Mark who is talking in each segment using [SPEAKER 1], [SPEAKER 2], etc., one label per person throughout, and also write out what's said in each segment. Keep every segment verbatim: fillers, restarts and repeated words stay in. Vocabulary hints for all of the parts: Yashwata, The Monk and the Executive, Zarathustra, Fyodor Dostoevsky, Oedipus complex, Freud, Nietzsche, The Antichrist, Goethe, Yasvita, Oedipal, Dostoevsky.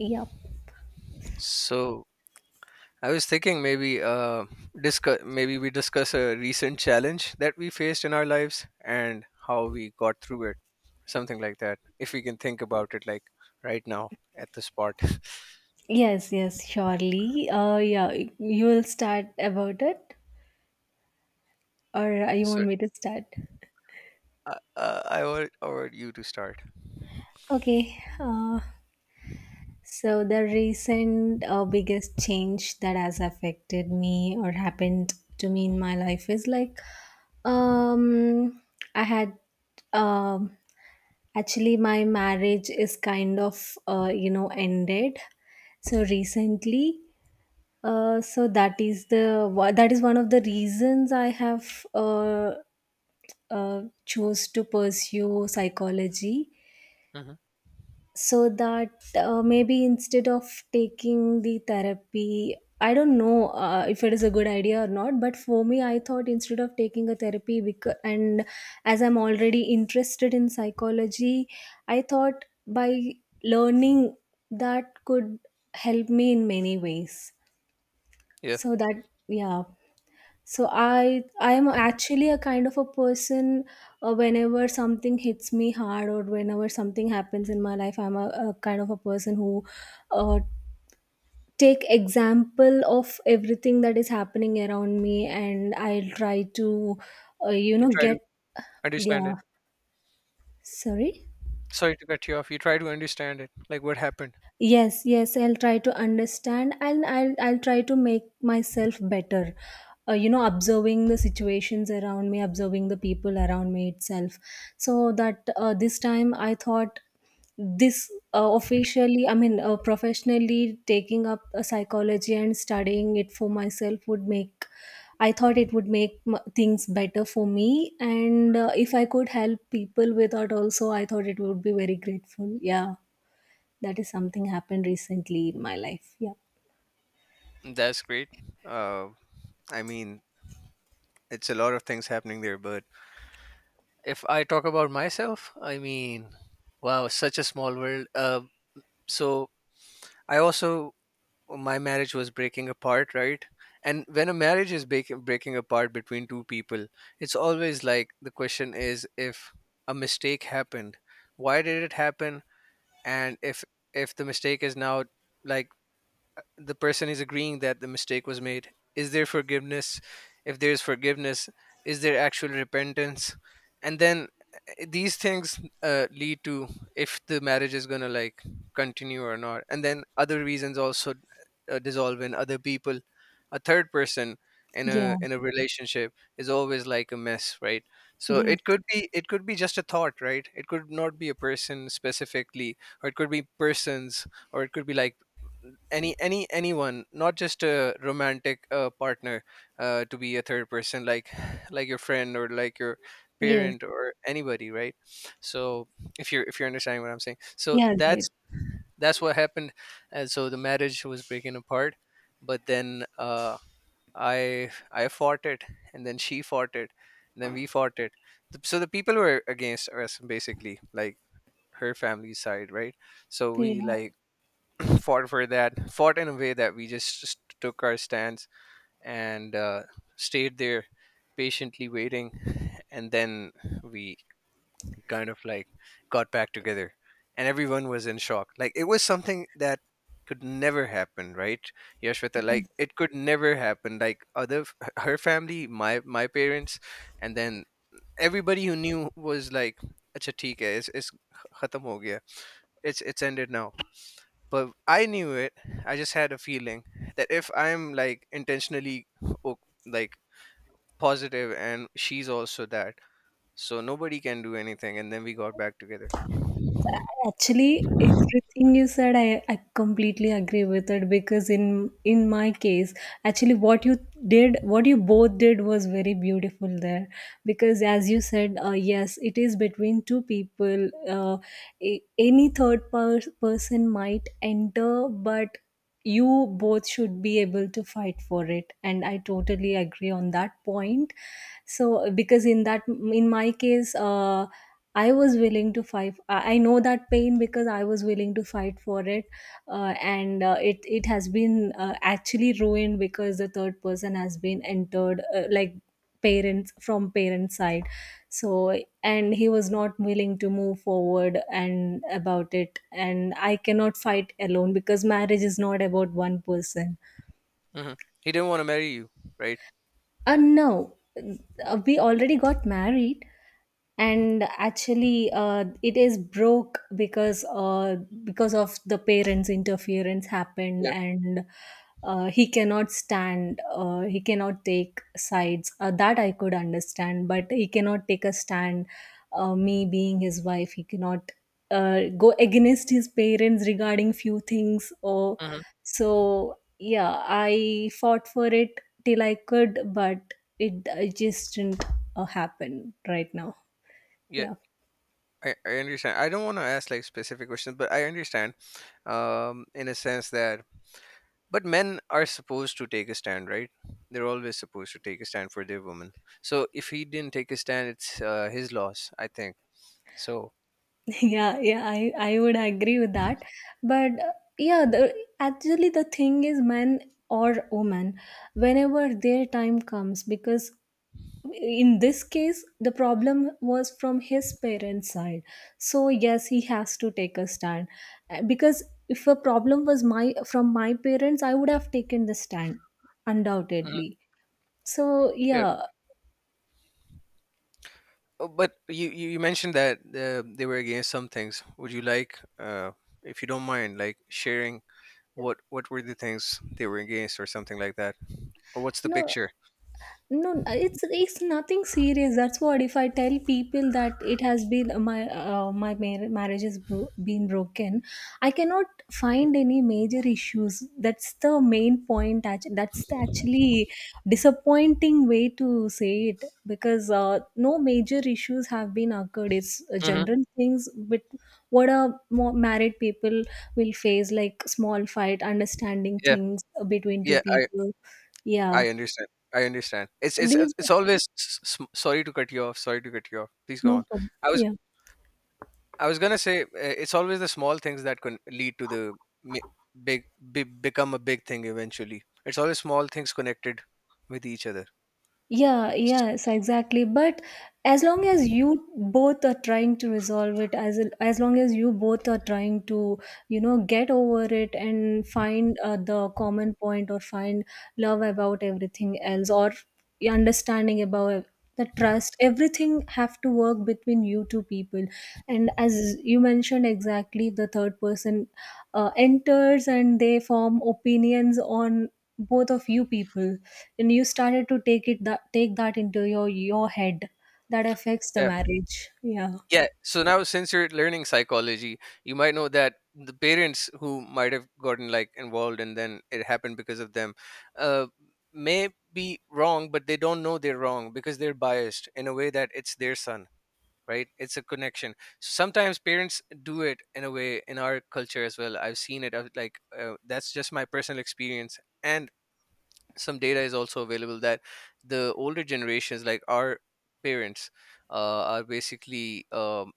[SPEAKER 1] Yep.
[SPEAKER 2] So I was thinking, maybe uh discuss maybe we discuss a recent challenge that we faced in our lives and how we got through it, something like that. If we can think about it like right now at the spot.
[SPEAKER 1] Yes, yes, surely. Uh, yeah, you will start about it, or uh, you
[SPEAKER 2] So
[SPEAKER 1] want me to start?
[SPEAKER 2] uh, uh, I want I want you to start.
[SPEAKER 1] Okay. Uh, so the recent uh, biggest change that has affected me or happened to me in my life is like, um, I had um actually my marriage is kind of uh, you know ended so recently. Uh, so that is the wha- that is one of the reasons I have uh, uh, chose to pursue psychology,
[SPEAKER 2] Hmm.
[SPEAKER 1] so that uh, maybe instead of taking the therapy, I don't know uh, if it is a good idea or not. But for me, I thought instead of taking a therapy, because, and as I'm already interested in psychology, I thought by learning that could help me in many ways.
[SPEAKER 2] Yeah,
[SPEAKER 1] So that, yeah. So I I am actually a kind of a person uh, whenever something hits me hard or whenever something happens in my life. I'm a, a kind of a person who uh, take example of everything that is happening around me, and I'll try to uh, you
[SPEAKER 2] you
[SPEAKER 1] know
[SPEAKER 2] try to
[SPEAKER 1] get.
[SPEAKER 2] understand it.
[SPEAKER 1] Yeah, sorry.
[SPEAKER 2] Sorry to cut you off. You try to understand it, like what happened.
[SPEAKER 1] Yes, yes, I'll try to understand, and i'll i'll try to make myself better uh, you know, observing the situations around me, observing the people around me itself, so that uh, this time I thought this uh, officially, I mean uh, professionally taking up a psychology and studying it for myself would make, I thought it would make m- things better for me, and uh, if I could help people with that also, I thought it would be very grateful. Yeah, that is something happened recently in my life. Yeah.
[SPEAKER 2] That's great. Uh, I mean, it's a lot of things happening there, but if I talk about myself, I mean, wow, such a small world. Uh, so I also, my marriage was breaking apart, right? And when a marriage is breaking breaking apart between two people, it's always like, the question is, if a mistake happened, why did it happen, and if if the mistake is now, like, the person is agreeing that the mistake was made, is there forgiveness? If there is forgiveness, is there actual repentance? And then uh, these things uh, lead to if the marriage is going to, like, continue or not, and then other reasons also uh, dissolve in other people. A third person in
[SPEAKER 1] Yeah.
[SPEAKER 2] a in a relationship is always like a mess, right? So
[SPEAKER 1] Yes.
[SPEAKER 2] it could be it could be just a thought, right? It could not be a person specifically, or it could be persons, or it could be like any any anyone, not just a romantic uh, partner, uh, to be a third person, like like your friend or like your
[SPEAKER 1] Yes.
[SPEAKER 2] parent or anybody, right? So if you're if you're understanding what I'm saying, so
[SPEAKER 1] Yeah,
[SPEAKER 2] that's
[SPEAKER 1] great.
[SPEAKER 2] that's what happened. And so the marriage was breaking apart, but then uh, i i fought it, and then she fought it, and then we fought it. The- so the people were against us basically, like her family side, right? So
[SPEAKER 1] Yeah.
[SPEAKER 2] we, like, fought for that, fought in a way that we just, just took our stance and uh, stayed there, patiently waiting. And then we kind of, like, got back together, and everyone was in shock. Like, it was something that could never happen, right, Yashwata?
[SPEAKER 1] Yes.
[SPEAKER 2] Like, it could never happen. Like, other her family, my my parents, and then everybody who knew was like, "Acha, theek hai, it's it's khatam ho gaya. It's it's ended now." But I knew it, I just had a feeling that if I'm, like, intentionally o- like positive, and she's also that, so nobody can do anything, and then we got back together.
[SPEAKER 1] Actually, everything you said, I, I completely agree with it because in in my case, actually, what you did, what you both did was very beautiful there. Because as you said, uh, yes, it is between two people. Uh, a- any third per- person might enter, but you both should be able to fight for it, and I totally agree on that point. So because in that, in my case, uh, I was willing to fight. i I know that pain because I was willing to fight for it, uh, and uh, it it has been uh, actually ruined because the third person has been entered, uh, like parents, from parents side. So and he was not willing to move forward and about it, and I cannot fight alone because marriage is not about one person.
[SPEAKER 2] Hmm, he didn't want to marry you, right?
[SPEAKER 1] Uh, no, Uh, we already got married, and actually, uh, it is broke because uh, because of the parents' interference happened,
[SPEAKER 2] Yeah.
[SPEAKER 1] and uh, he cannot stand. Uh, he cannot take sides. Uh, that I could understand, but he cannot take a stand. Uh, me being his wife, he cannot uh, go against his parents regarding few things or.
[SPEAKER 2] Hmm.
[SPEAKER 1] So yeah, I fought for it till I could, but it, it just didn't uh, happen right now.
[SPEAKER 2] Yeah.
[SPEAKER 1] Yeah.
[SPEAKER 2] I, I understand. I don't want to ask, like, specific questions, but I understand, um in a sense that, but men are supposed to take a stand, right? They're always supposed to take a stand for their woman. So if he didn't take a stand, it's uh, his loss, I think. So...
[SPEAKER 1] Yeah, yeah, i i would agree with that, but uh, yeah, the actually the thing is men or women, whenever their time comes, because in this case the problem was from his parents side. So yes, he has to take a stand. Uh, because if a problem was my from my parents, I would have taken the stand
[SPEAKER 2] Mhm.
[SPEAKER 1] undoubtedly. So
[SPEAKER 2] Yeah.
[SPEAKER 1] yeah.
[SPEAKER 2] Oh, but you, you you mentioned that uh, they were against some things. Would you like, uh, if you don't mind, like, sharing what what were the things they were against, or something like that, or what's the
[SPEAKER 1] no
[SPEAKER 2] picture?
[SPEAKER 1] no it's it's nothing serious. That's what, if I tell people that it has been uh, my uh, my mar- marriage has bro- been broken, I cannot find any major issues. That's the main point. act- That's the actually disappointing way to say it because uh, no major issues have been occurred. It's uh,
[SPEAKER 2] Hmm.
[SPEAKER 1] general things, but what a more married people will face, like small fight, understanding
[SPEAKER 2] Yeah.
[SPEAKER 1] things between two
[SPEAKER 2] Yeah. I
[SPEAKER 1] people. Yeah,
[SPEAKER 2] I understand. I understand. It's it's
[SPEAKER 1] these.
[SPEAKER 2] it's always s- s- sorry to cut you off. Sorry to cut you off. Please go on.
[SPEAKER 1] No problem.
[SPEAKER 2] I was
[SPEAKER 1] Yeah.
[SPEAKER 2] I was gonna say uh, it's always the small things that can lead to the mi- big, big become a big thing eventually. It's always small things connected with each other.
[SPEAKER 1] Yeah,
[SPEAKER 2] S-
[SPEAKER 1] yes, exactly. But as long as you both are trying to resolve it, as as long as you both are trying to, you know, get over it and find uh, the common point, or find love about everything else, or your understanding about the trust, everything have to work between you two people. And as you mentioned exactly, the third person uh, enters and they form opinions on both of you people, and you started to take it that, take that into your your head. That affects the
[SPEAKER 2] Yeah.
[SPEAKER 1] marriage, yeah.
[SPEAKER 2] Yeah. So now, since you're learning psychology, you might know that the parents who might have gotten, like, involved and then it happened because of them, uh, may be wrong, but they don't know they're wrong because they're biased in a way that it's their son, right? It's a connection. Sometimes parents do it in a way in our culture as well. I've seen it. I've, like, uh, that's just my personal experience, and some data is also available that the older generations, like our parents, uh, are basically um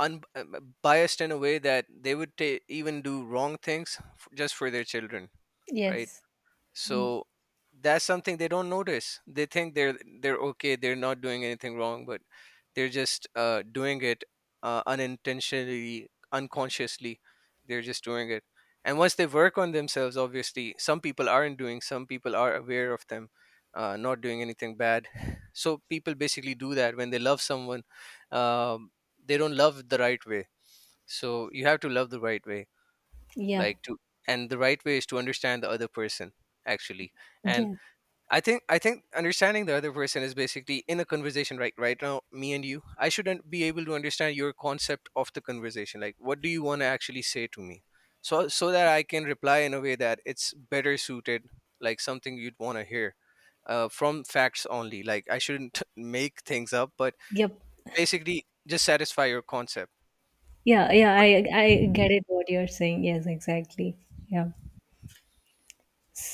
[SPEAKER 2] unbiased in a way that they would ta even do wrong things, f- just for their children, right?
[SPEAKER 1] Yes.
[SPEAKER 2] So that's something they don't notice. They think they're they're okay, they're not doing anything wrong, but they're just uh, doing it uh, unintentionally, unconsciously. They're just doing it. And once they work on themselves, obviously, some people aren't doing, some people are aware of them uh, not doing anything bad. So people basically do that when they love someone. Um, they don't love the right way, so you have to love the right way,
[SPEAKER 1] Yeah.
[SPEAKER 2] like, to, and the right way is to understand the other person, actually. And
[SPEAKER 1] Yeah.
[SPEAKER 2] I think I think understanding the other person is basically in a conversation right right now, me and you. I shouldn't be able to understand your concept of the conversation. Like, what do you want to actually say to me? So so that I can reply in a way that it's better suited, like something you'd want to hear. Uh, from facts only. Like, I shouldn't make things up, but
[SPEAKER 1] Yep.
[SPEAKER 2] basically just satisfy your concept.
[SPEAKER 1] Yeah, yeah, i i get it what you're saying. Yes, exactly. Yeah.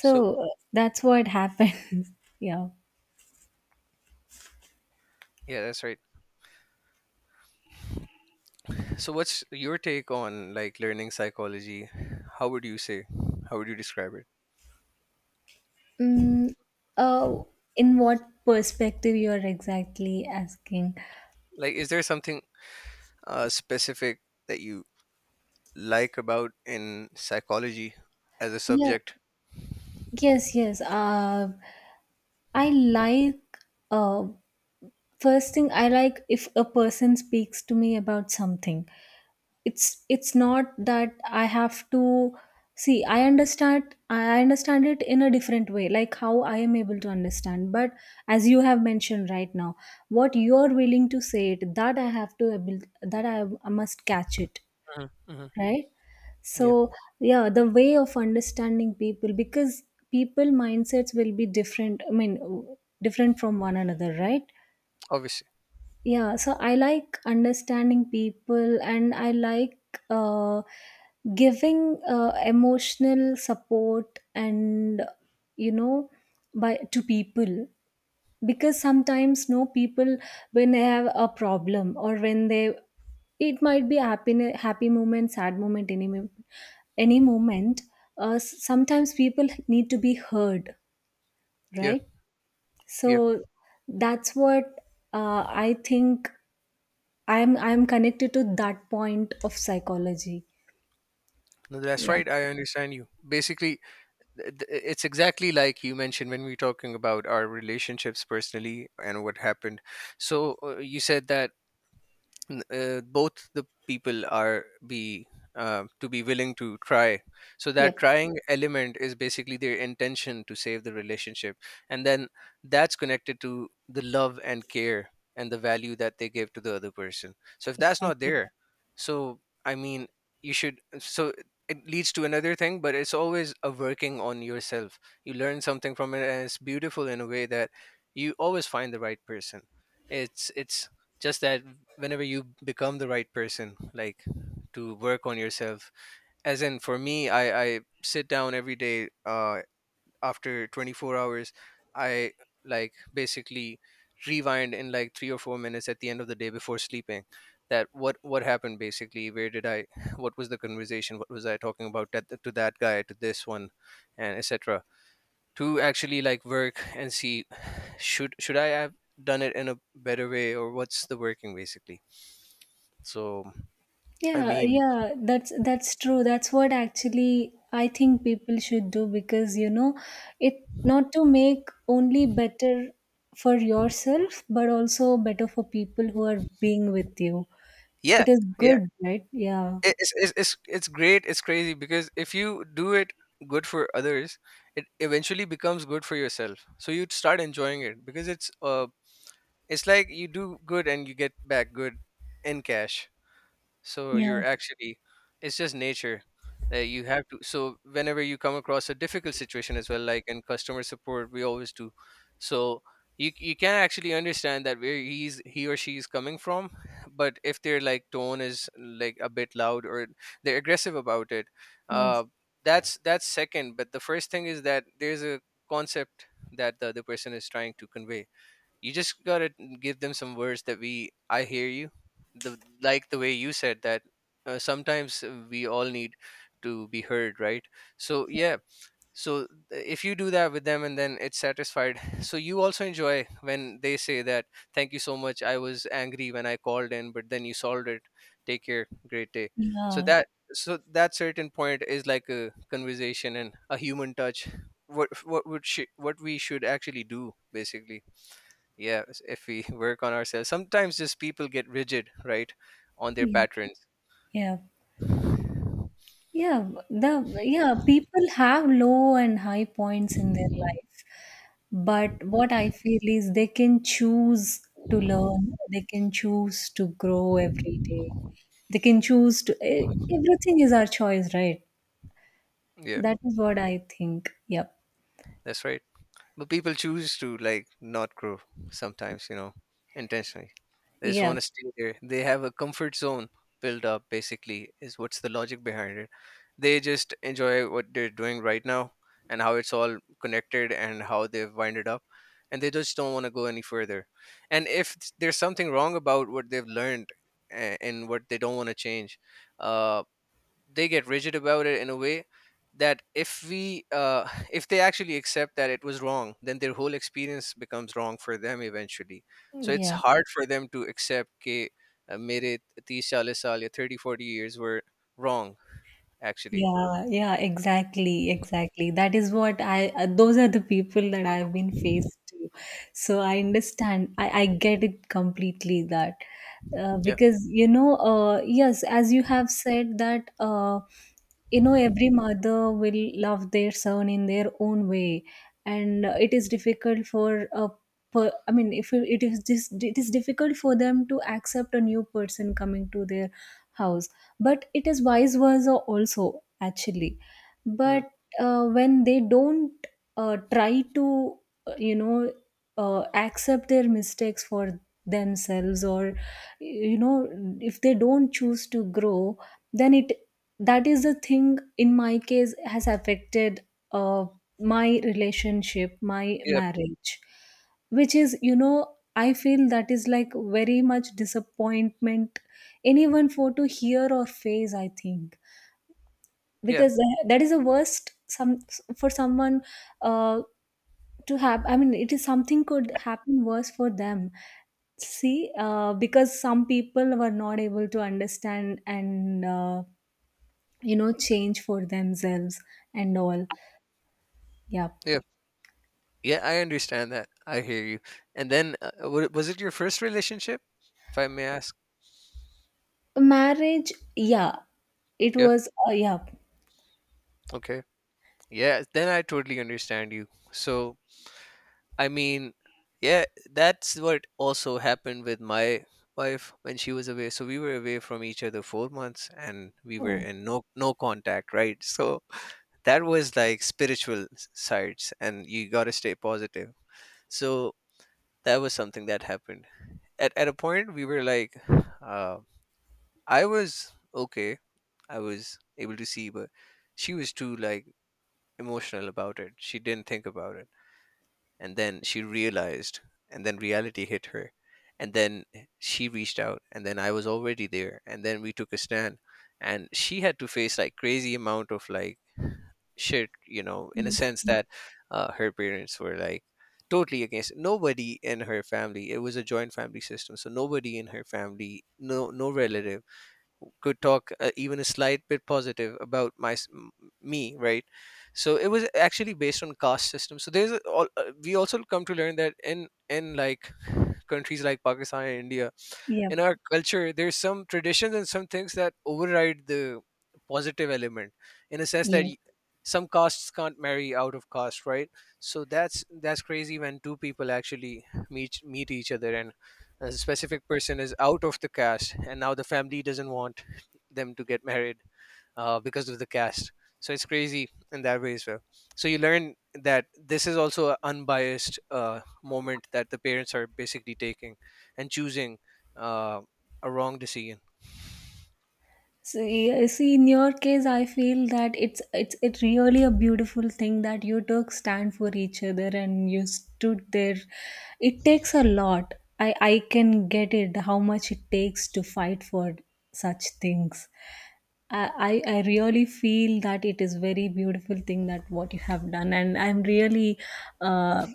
[SPEAKER 2] So
[SPEAKER 1] uh, that's what happens. Yeah.
[SPEAKER 2] yeah, that's right. So what's your take on, like, learning psychology? How would you say? How would you describe it?
[SPEAKER 1] mm, uh, in what perspective you're exactly asking?
[SPEAKER 2] Like, is there something uh, specific that you like about in psychology as a
[SPEAKER 1] Yeah,
[SPEAKER 2] subject?
[SPEAKER 1] yes, yes, uh, I like uh, first thing I like, if a person speaks to me about something, it's it's not that I have to see. I understand, I understand it in a different way, like how I am able to understand. But as you have mentioned right now, what you are willing to say it, that I have to able, that i, I must catch it,
[SPEAKER 2] Hmm. Hmm.
[SPEAKER 1] right? So
[SPEAKER 2] Yeah,
[SPEAKER 1] yeah, the way of understanding people because people mindsets will be different. I mean, different from one another, right?
[SPEAKER 2] obviously.
[SPEAKER 1] Yeah, so I like understanding people, and I like uh, giving uh, emotional support and, you know, by to people, because sometimes no, people when they have a problem, or when they, it might be happy happy moment, sad moment, any moment, any moment, uh, s- sometimes people need to be heard,
[SPEAKER 2] Yeah,
[SPEAKER 1] right? So
[SPEAKER 2] yeah.
[SPEAKER 1] that's what uh, I think I'm I'm connected to that point of psychology.
[SPEAKER 2] No, that's
[SPEAKER 1] Yeah.
[SPEAKER 2] right. I understand you. Basically, th- th- it's exactly like you mentioned when we were talking about our relationships personally and what happened. So uh, you said that n- uh, both the people are be uh, to be willing to try, so that
[SPEAKER 1] Yep.
[SPEAKER 2] trying element is basically their intention to save the relationship, and then that's connected to the love and care and the value that they give to the other person, so if that's not
[SPEAKER 1] Exactly.
[SPEAKER 2] there, so, I mean, you should, so it leads to another thing, but it's always a working on yourself. You learn something from it, and it's beautiful in a way that you always find the right person. It's it's just that whenever you become the right person, like, to work on yourself, as in, for me, i i sit down every day uh after twenty-four hours. I, like, basically rewind in, like, three or four minutes at the end of the day before sleeping, that what what happened, basically, where did I, what was the conversation, what was I talking about, that, to that guy, to this one, and etc., to actually, like, work and see, should should I have done it in a better way, or what's the working basically, so... I
[SPEAKER 1] Yeah,
[SPEAKER 2] mean,
[SPEAKER 1] yeah, that's that's true. That's what actually I think people should do because you know, it not to make only better for yourself, but also better for people who are being with you.
[SPEAKER 2] yeah,
[SPEAKER 1] It is
[SPEAKER 2] yeah,
[SPEAKER 1] good, right? Yeah.
[SPEAKER 2] it- it's it's it's it's great. It's crazy because if you do it good for others, it eventually becomes good for yourself. So you start enjoying it because it's uh, it's like you do good and you get back good in cash. So
[SPEAKER 1] Yeah.
[SPEAKER 2] you're actually, it's just nature, that you have to, so whenever you come across a difficult situation as well, like in customer support we always do. So you you can actually understand that where he's he or she is coming from but if their, like, tone is like a bit loud or they're aggressive about it,
[SPEAKER 1] Yes.
[SPEAKER 2] uh that's that's second. But the first thing is that there's a concept that the other person is trying to convey. You just gotta give them some words that we I hear you, the, like, the way you said that, uh, sometimes uh, we all need to be heard, right? So yeah. So if you do that with them and then it's satisfied, so you also enjoy when they say that, "Thank you so much, I was angry when I called in, but then you solved it. Take care, great day." So
[SPEAKER 1] Yeah.
[SPEAKER 2] that, so that certain point is like a conversation and a human touch, what what would sh- what we should actually do basically. Yeah, s- if we work on ourselves, sometimes just people get rigid, right, on their
[SPEAKER 1] Yeah.
[SPEAKER 2] patterns.
[SPEAKER 1] Yeah. Yeah. The Yeah, people have low and high points in their life. But what I feel is they can choose to learn, they can choose to grow every day. They can choose to e- everything is our choice, right?
[SPEAKER 2] Yeah,
[SPEAKER 1] That is what I think. Yep.
[SPEAKER 2] that's right, but people choose to, like, not grow sometimes, you know, intentionally. They just
[SPEAKER 1] Yeah.
[SPEAKER 2] want to stay there, they have a comfort zone built up, basically, is what's the logic behind it. They just enjoy what they're doing right now, and how it's all connected and how they've winded up, and they just don't want to go any further. And if there's something wrong about what they've learned, a- and what they don't want to change, uh, they get rigid about it in a way that if we uh, if they actually accept that it was wrong, then their whole experience becomes wrong for them eventually. So it's
[SPEAKER 1] Yeah.
[SPEAKER 2] hard for them to accept that, uh, mere thirty forty saal ya thirty forty years were wrong actually.
[SPEAKER 1] Yeah, yeah, exactly, exactly. That is what I, uh, Those are the people that I've been faced to. So I understand, I, I get it completely that. Uh,
[SPEAKER 2] Yeah.
[SPEAKER 1] because, you know, uh, yes, as you have said, that, uh, you know, every mother will love their son in their own way. And uh, it is difficult for a per, I mean, if it it is just, it is difficult for them to accept a new person coming to their house, but it is vice versa also actually.
[SPEAKER 2] Mhm.
[SPEAKER 1] But uh, when they don't uh, try to uh, you know uh, accept their mistakes for themselves, or you know, if they don't choose to grow, then it, that is the thing in my case has affected uh, my relationship my
[SPEAKER 2] yeah
[SPEAKER 1] marriage, which is, you know, I feel that is like very much disappointment anyone for to hear or face, I think,
[SPEAKER 2] yeah
[SPEAKER 1] because tha- that is the worst some, for someone uh, to have, I mean, it is something could happen worse for them, see uh, because some people were not able to understand, and uh, you know, change for themselves and all. Yeah.
[SPEAKER 2] yeah yeah I understand that. I hear you. And then uh, wa- was it your first relationship, if I may ask?
[SPEAKER 1] Marriage, yeah, it
[SPEAKER 2] Yeah.
[SPEAKER 1] was uh, yeah.
[SPEAKER 2] Okay. Yeah, then I totally understand you. So I mean, yeah, that's what also happened with my wife when she was away. So we were away from each other four months, and we were
[SPEAKER 1] Oh,
[SPEAKER 2] in no no contact, right? So that was like spiritual s- sides, and you got to stay positive. So that was something that happened. At at a point, we were like, uh, I was okay, I was able to see, but she was too like emotional about it. She didn't think about it, and then she realized, and then reality hit her, and then she reached out, and then I was already there, and then we took a stand. And she had to face like crazy amount of like shit, you know, in a
[SPEAKER 1] yes.
[SPEAKER 2] sense that uh, her parents were like totally against it. Nobody in her family, it was a joint family system, so nobody in her family, no no relative could talk uh, even a slight bit positive about my s- m- me, right? So it was actually based on caste system. So there's a, all, uh, we also come to learn that in in like countries like Pakistan and India,
[SPEAKER 1] Yeah.
[SPEAKER 2] in our culture there's some traditions and some things that override the positive element, in a sense that
[SPEAKER 1] Yes.
[SPEAKER 2] y- some castes can't marry out of caste, right? So that's that's crazy when two people actually meet meet each other and a specific person is out of the caste and now the family doesn't want them to get married, uh, because of the caste. So it's crazy in that way as well. So you learn that this is also an unbiased uh, moment that the parents are basically taking and choosing uh, a wrong decision.
[SPEAKER 1] See, see, in your case, I feel that it's it's it really a beautiful thing that you took stand for each other and you stood there. It takes a lot. I I can get it how much it takes to fight for such things. I, I I really feel that it is very beautiful thing that what you have done, and I'm really uh,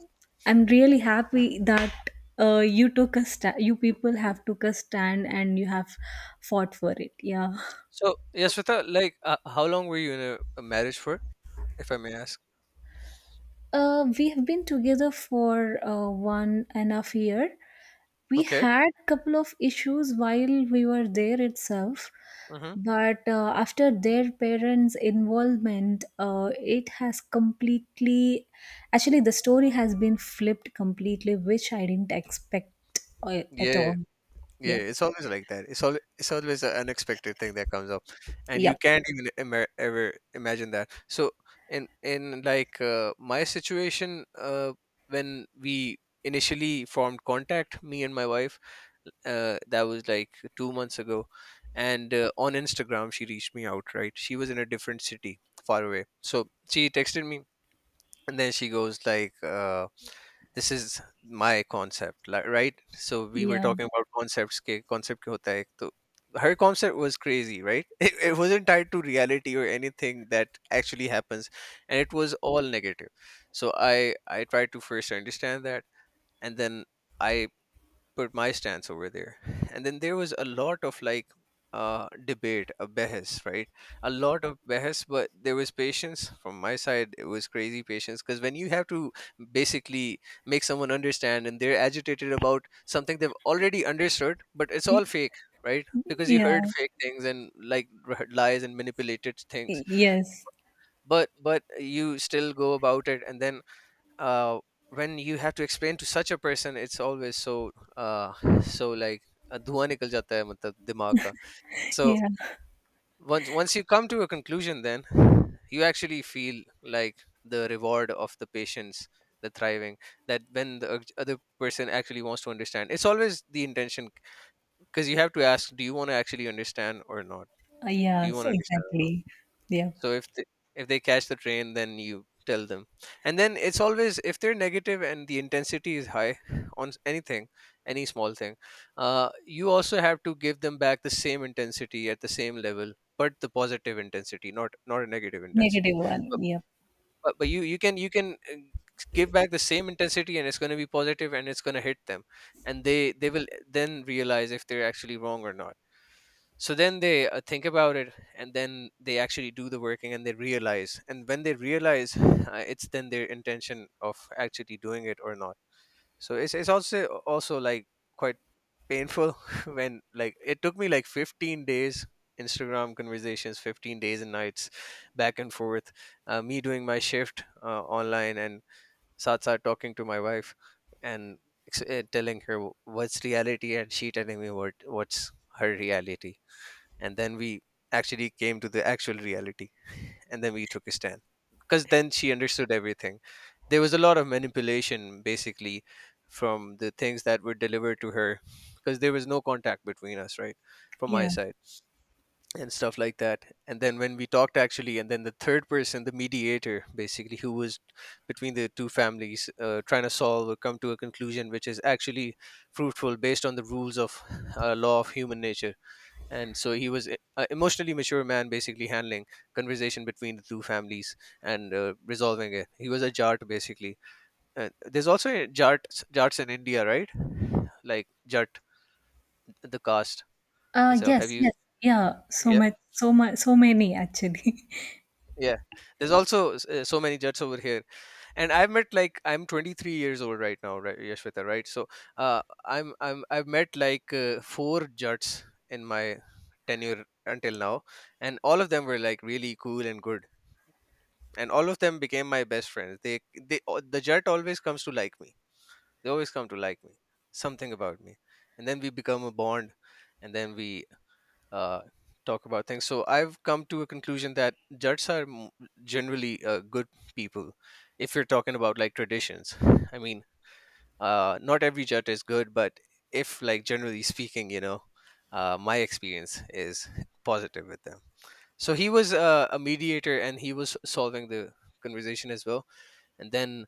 [SPEAKER 1] I'm really happy that uh, you took a stand, you people have took a stand, and you have fought for it, yeah.
[SPEAKER 2] So Yasvita, like, uh, how long were you in a, a marriage for, if I may ask?
[SPEAKER 1] Uh, we have been together for uh, one and a half year. We
[SPEAKER 2] Okay.
[SPEAKER 1] had couple of issues while we were there itself,
[SPEAKER 2] Mm-hmm.
[SPEAKER 1] but uh, after their parents' involvement, uh, it has completely. Actually, the story has been flipped completely, which I didn't expect uh, at
[SPEAKER 2] Yeah.
[SPEAKER 1] all.
[SPEAKER 2] Yeah,
[SPEAKER 1] Yeah.
[SPEAKER 2] it's always like that. It's all, it's always an unexpected thing that comes up, and you
[SPEAKER 1] Yep.
[SPEAKER 2] can't even ima- ever imagine that. So in in like uh, my situation, uh, when we initially formed contact, me and my wife, uh, that was like two months ago, and uh, on Instagram she reached me out. Right, she was in a different city, far away. So she texted me and then she goes like uh, this is my concept, like, right? So we were
[SPEAKER 1] Yeah.
[SPEAKER 2] talking about concepts ke concept kya hota hai to her concept was crazy, right? it, it wasn't tied to reality or anything that actually happens, and it was all negative. So i i tried to first understand that, and then I put my stance over there. And then there was a lot of like uh, debate, a behas, right? A lot of behas, but there was patience from my side. It was crazy patience because when you have to basically make someone understand and they're agitated about something they've already understood, but it's
[SPEAKER 1] Y-
[SPEAKER 2] all fake, right? Because you heard
[SPEAKER 1] Yeah.
[SPEAKER 2] fake things and like r- lies and manipulated things,
[SPEAKER 1] Yes.
[SPEAKER 2] but but you still go about it, and then uh, when you have to explain to such a person it's always so uh, so like uh, धुआं निकल जाता है मतलब दिमाग का. So
[SPEAKER 1] Yeah.
[SPEAKER 2] once once you come to a conclusion, then you actually feel like the reward of the patience, the thriving, that when the oth- other person actually wants to understand, it's always the intention, because you have to ask, do you want to actually understand or not?
[SPEAKER 1] Uh,
[SPEAKER 2] Do you
[SPEAKER 1] Yes,
[SPEAKER 2] want to understand or not?
[SPEAKER 1] exactly. Yeah.
[SPEAKER 2] So if they, if they catch the train, then you tell them. And then it's always if they're negative and the intensity is high on s- anything, any small thing, uh, you also have to give them back the same intensity at the same level, but the positive intensity, not not a negative
[SPEAKER 1] Negative
[SPEAKER 2] intensity. But
[SPEAKER 1] one. Yep.
[SPEAKER 2] but, but you you can, you can uh, give back the same intensity and it's going to be positive and it's going to hit them, and they they will then realize if they're actually wrong or not. So then they uh, think about it, and then they actually do the working, and they realize, and when they realize uh, it's then their intention of actually doing it or not. So it's, it's also also like quite painful when like it took me like fifteen days, Instagram conversations, fifteen days and nights, back and forth, uh, me doing my shift uh, online and satsa talking to my wife, and ex- uh, telling her what's reality and she telling me what what's her reality, and then we actually came to the actual reality, and then we took a stand, because then she understood everything. There was a lot of manipulation basically, from the things that were delivered to her, because there was no contact between us, right, from my
[SPEAKER 1] Yeah.
[SPEAKER 2] side and stuff like that. And then when we talked actually, and then the third person, the mediator basically, who was between the two families, uh, trying to solve or come to a conclusion which is actually fruitful based on the rules of uh, law of human nature, and so he was an emotionally mature man basically handling conversation between the two families and uh, resolving it. He was a Jat, basically. Uh, there's also a jart jarts in India, right? Like Jat, the caste.
[SPEAKER 1] Uh,
[SPEAKER 2] So have
[SPEAKER 1] yes,
[SPEAKER 2] you,
[SPEAKER 1] yes. Yeah, so
[SPEAKER 2] yeah.
[SPEAKER 1] much, so much, so many actually.
[SPEAKER 2] Yeah, there's also s- uh, so many jats over here, and I've met like I'm twenty-three years old right now, right, Yashvita, right? So uh, I'm I'm I've met like uh, four jats in my tenure until now, and all of them were like really cool and good, and all of them became my best friends. They, they al- the jet always comes to like me. They always come to like me, something about me, and then we become a bond, and then we uh, talk about things. So I've come to a conclusion that jets are m- generally uh, good people. If you're talking about like traditions, I mean, uh, not every jet is good, but if like generally speaking, you know, uh, my experience is positive with them. So he was uh, a mediator, and he was solving the conversation as well, and then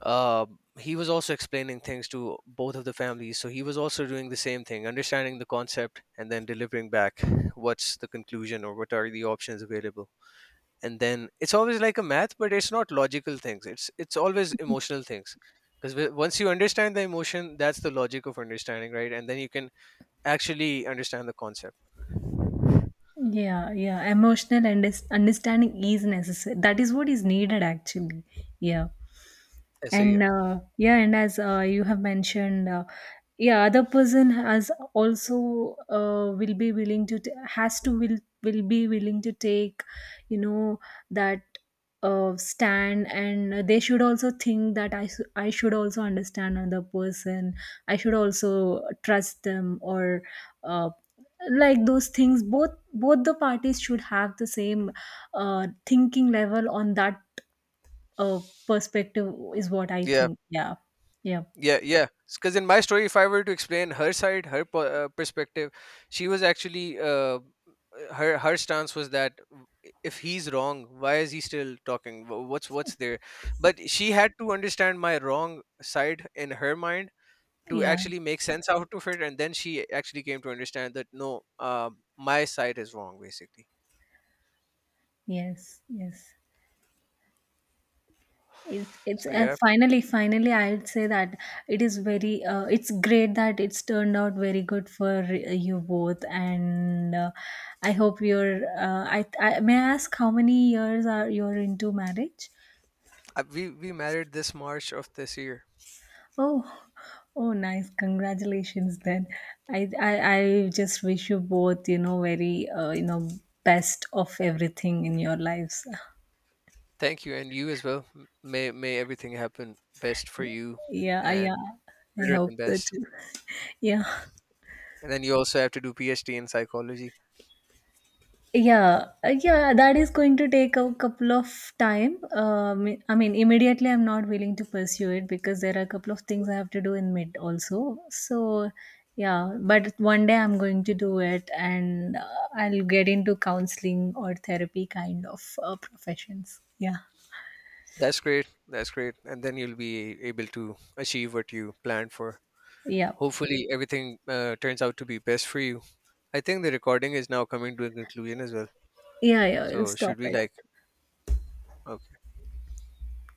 [SPEAKER 2] uh, he was also explaining things to both of the families, so he was also doing the same thing, understanding the concept and then delivering back what's the conclusion or what are the options available. And then it's always like a math, but it's not logical things, it's it's always emotional things, because once you understand the emotion, that's the logic of understanding, right? And then you can actually understand the concept.
[SPEAKER 1] Yeah, yeah. Emotional and understanding is necessary. That is what is needed actually. Yeah.
[SPEAKER 2] I see you.
[SPEAKER 1] And uh, yeah, and as uh, you have mentioned uh, yeah, other person has also uh, will be willing to t- has to will will be willing to take, you know, that uh, stand, and they should also think that I, s- I should also understand another person. I should also trust them, or uh, like those things. Both both the parties should have the same uh, thinking level on that. Oh, perspective is what I
[SPEAKER 2] Yeah.
[SPEAKER 1] think. Yeah. Yeah.
[SPEAKER 2] Yeah, yeah, because in my story, if I were to explain her side, her po- uh, perspective, she was actually, uh, her her stance was that if he's wrong, why is he still talking? Wh- what's what's there? But she had to understand my wrong side in her mind to
[SPEAKER 1] Yeah.
[SPEAKER 2] actually make sense out of it, and then she actually came to understand that, no, um, my side is wrong basically.
[SPEAKER 1] Yes. Yes. It's it's
[SPEAKER 2] So
[SPEAKER 1] uh,
[SPEAKER 2] yeah,
[SPEAKER 1] finally Finally I'll say that it is very, uh, it's great that it's turned out very good for uh, you both, and uh, I hope you're, uh, I, I may I ask how many years are you're into marriage?
[SPEAKER 2] uh, we we married this March of this year.
[SPEAKER 1] Oh, oh, nice. Congratulations then. I, I, I just wish you both, you know, very, uh, you know, best of everything in your lives.
[SPEAKER 2] Thank you, and you as well. M- may may everything happen best for you,
[SPEAKER 1] Yeah, I- yeah.
[SPEAKER 2] and
[SPEAKER 1] I
[SPEAKER 2] better
[SPEAKER 1] hope
[SPEAKER 2] than
[SPEAKER 1] so
[SPEAKER 2] best.
[SPEAKER 1] too. Yeah.
[SPEAKER 2] And then you also have to do PhD in psychology.
[SPEAKER 1] Yeah, uh, yeah, that is going to take a couple of time. Um, I mean, immediately I'm not willing to pursue it because there are a couple of things I have to do in mid also. So, yeah, but one day I'm going to do it, and uh, I'll get into counseling or therapy kind of uh, professions. Yeah,
[SPEAKER 2] That's great. That's great. And then you'll be able to achieve what you planned for.
[SPEAKER 1] yeah,
[SPEAKER 2] Hopefully, everything uh, turns out to be best for you. I think the recording is now coming to a conclusion as well.
[SPEAKER 1] yeah, yeah, I'll
[SPEAKER 2] So,
[SPEAKER 1] stop
[SPEAKER 2] should we
[SPEAKER 1] it.
[SPEAKER 2] like, okay.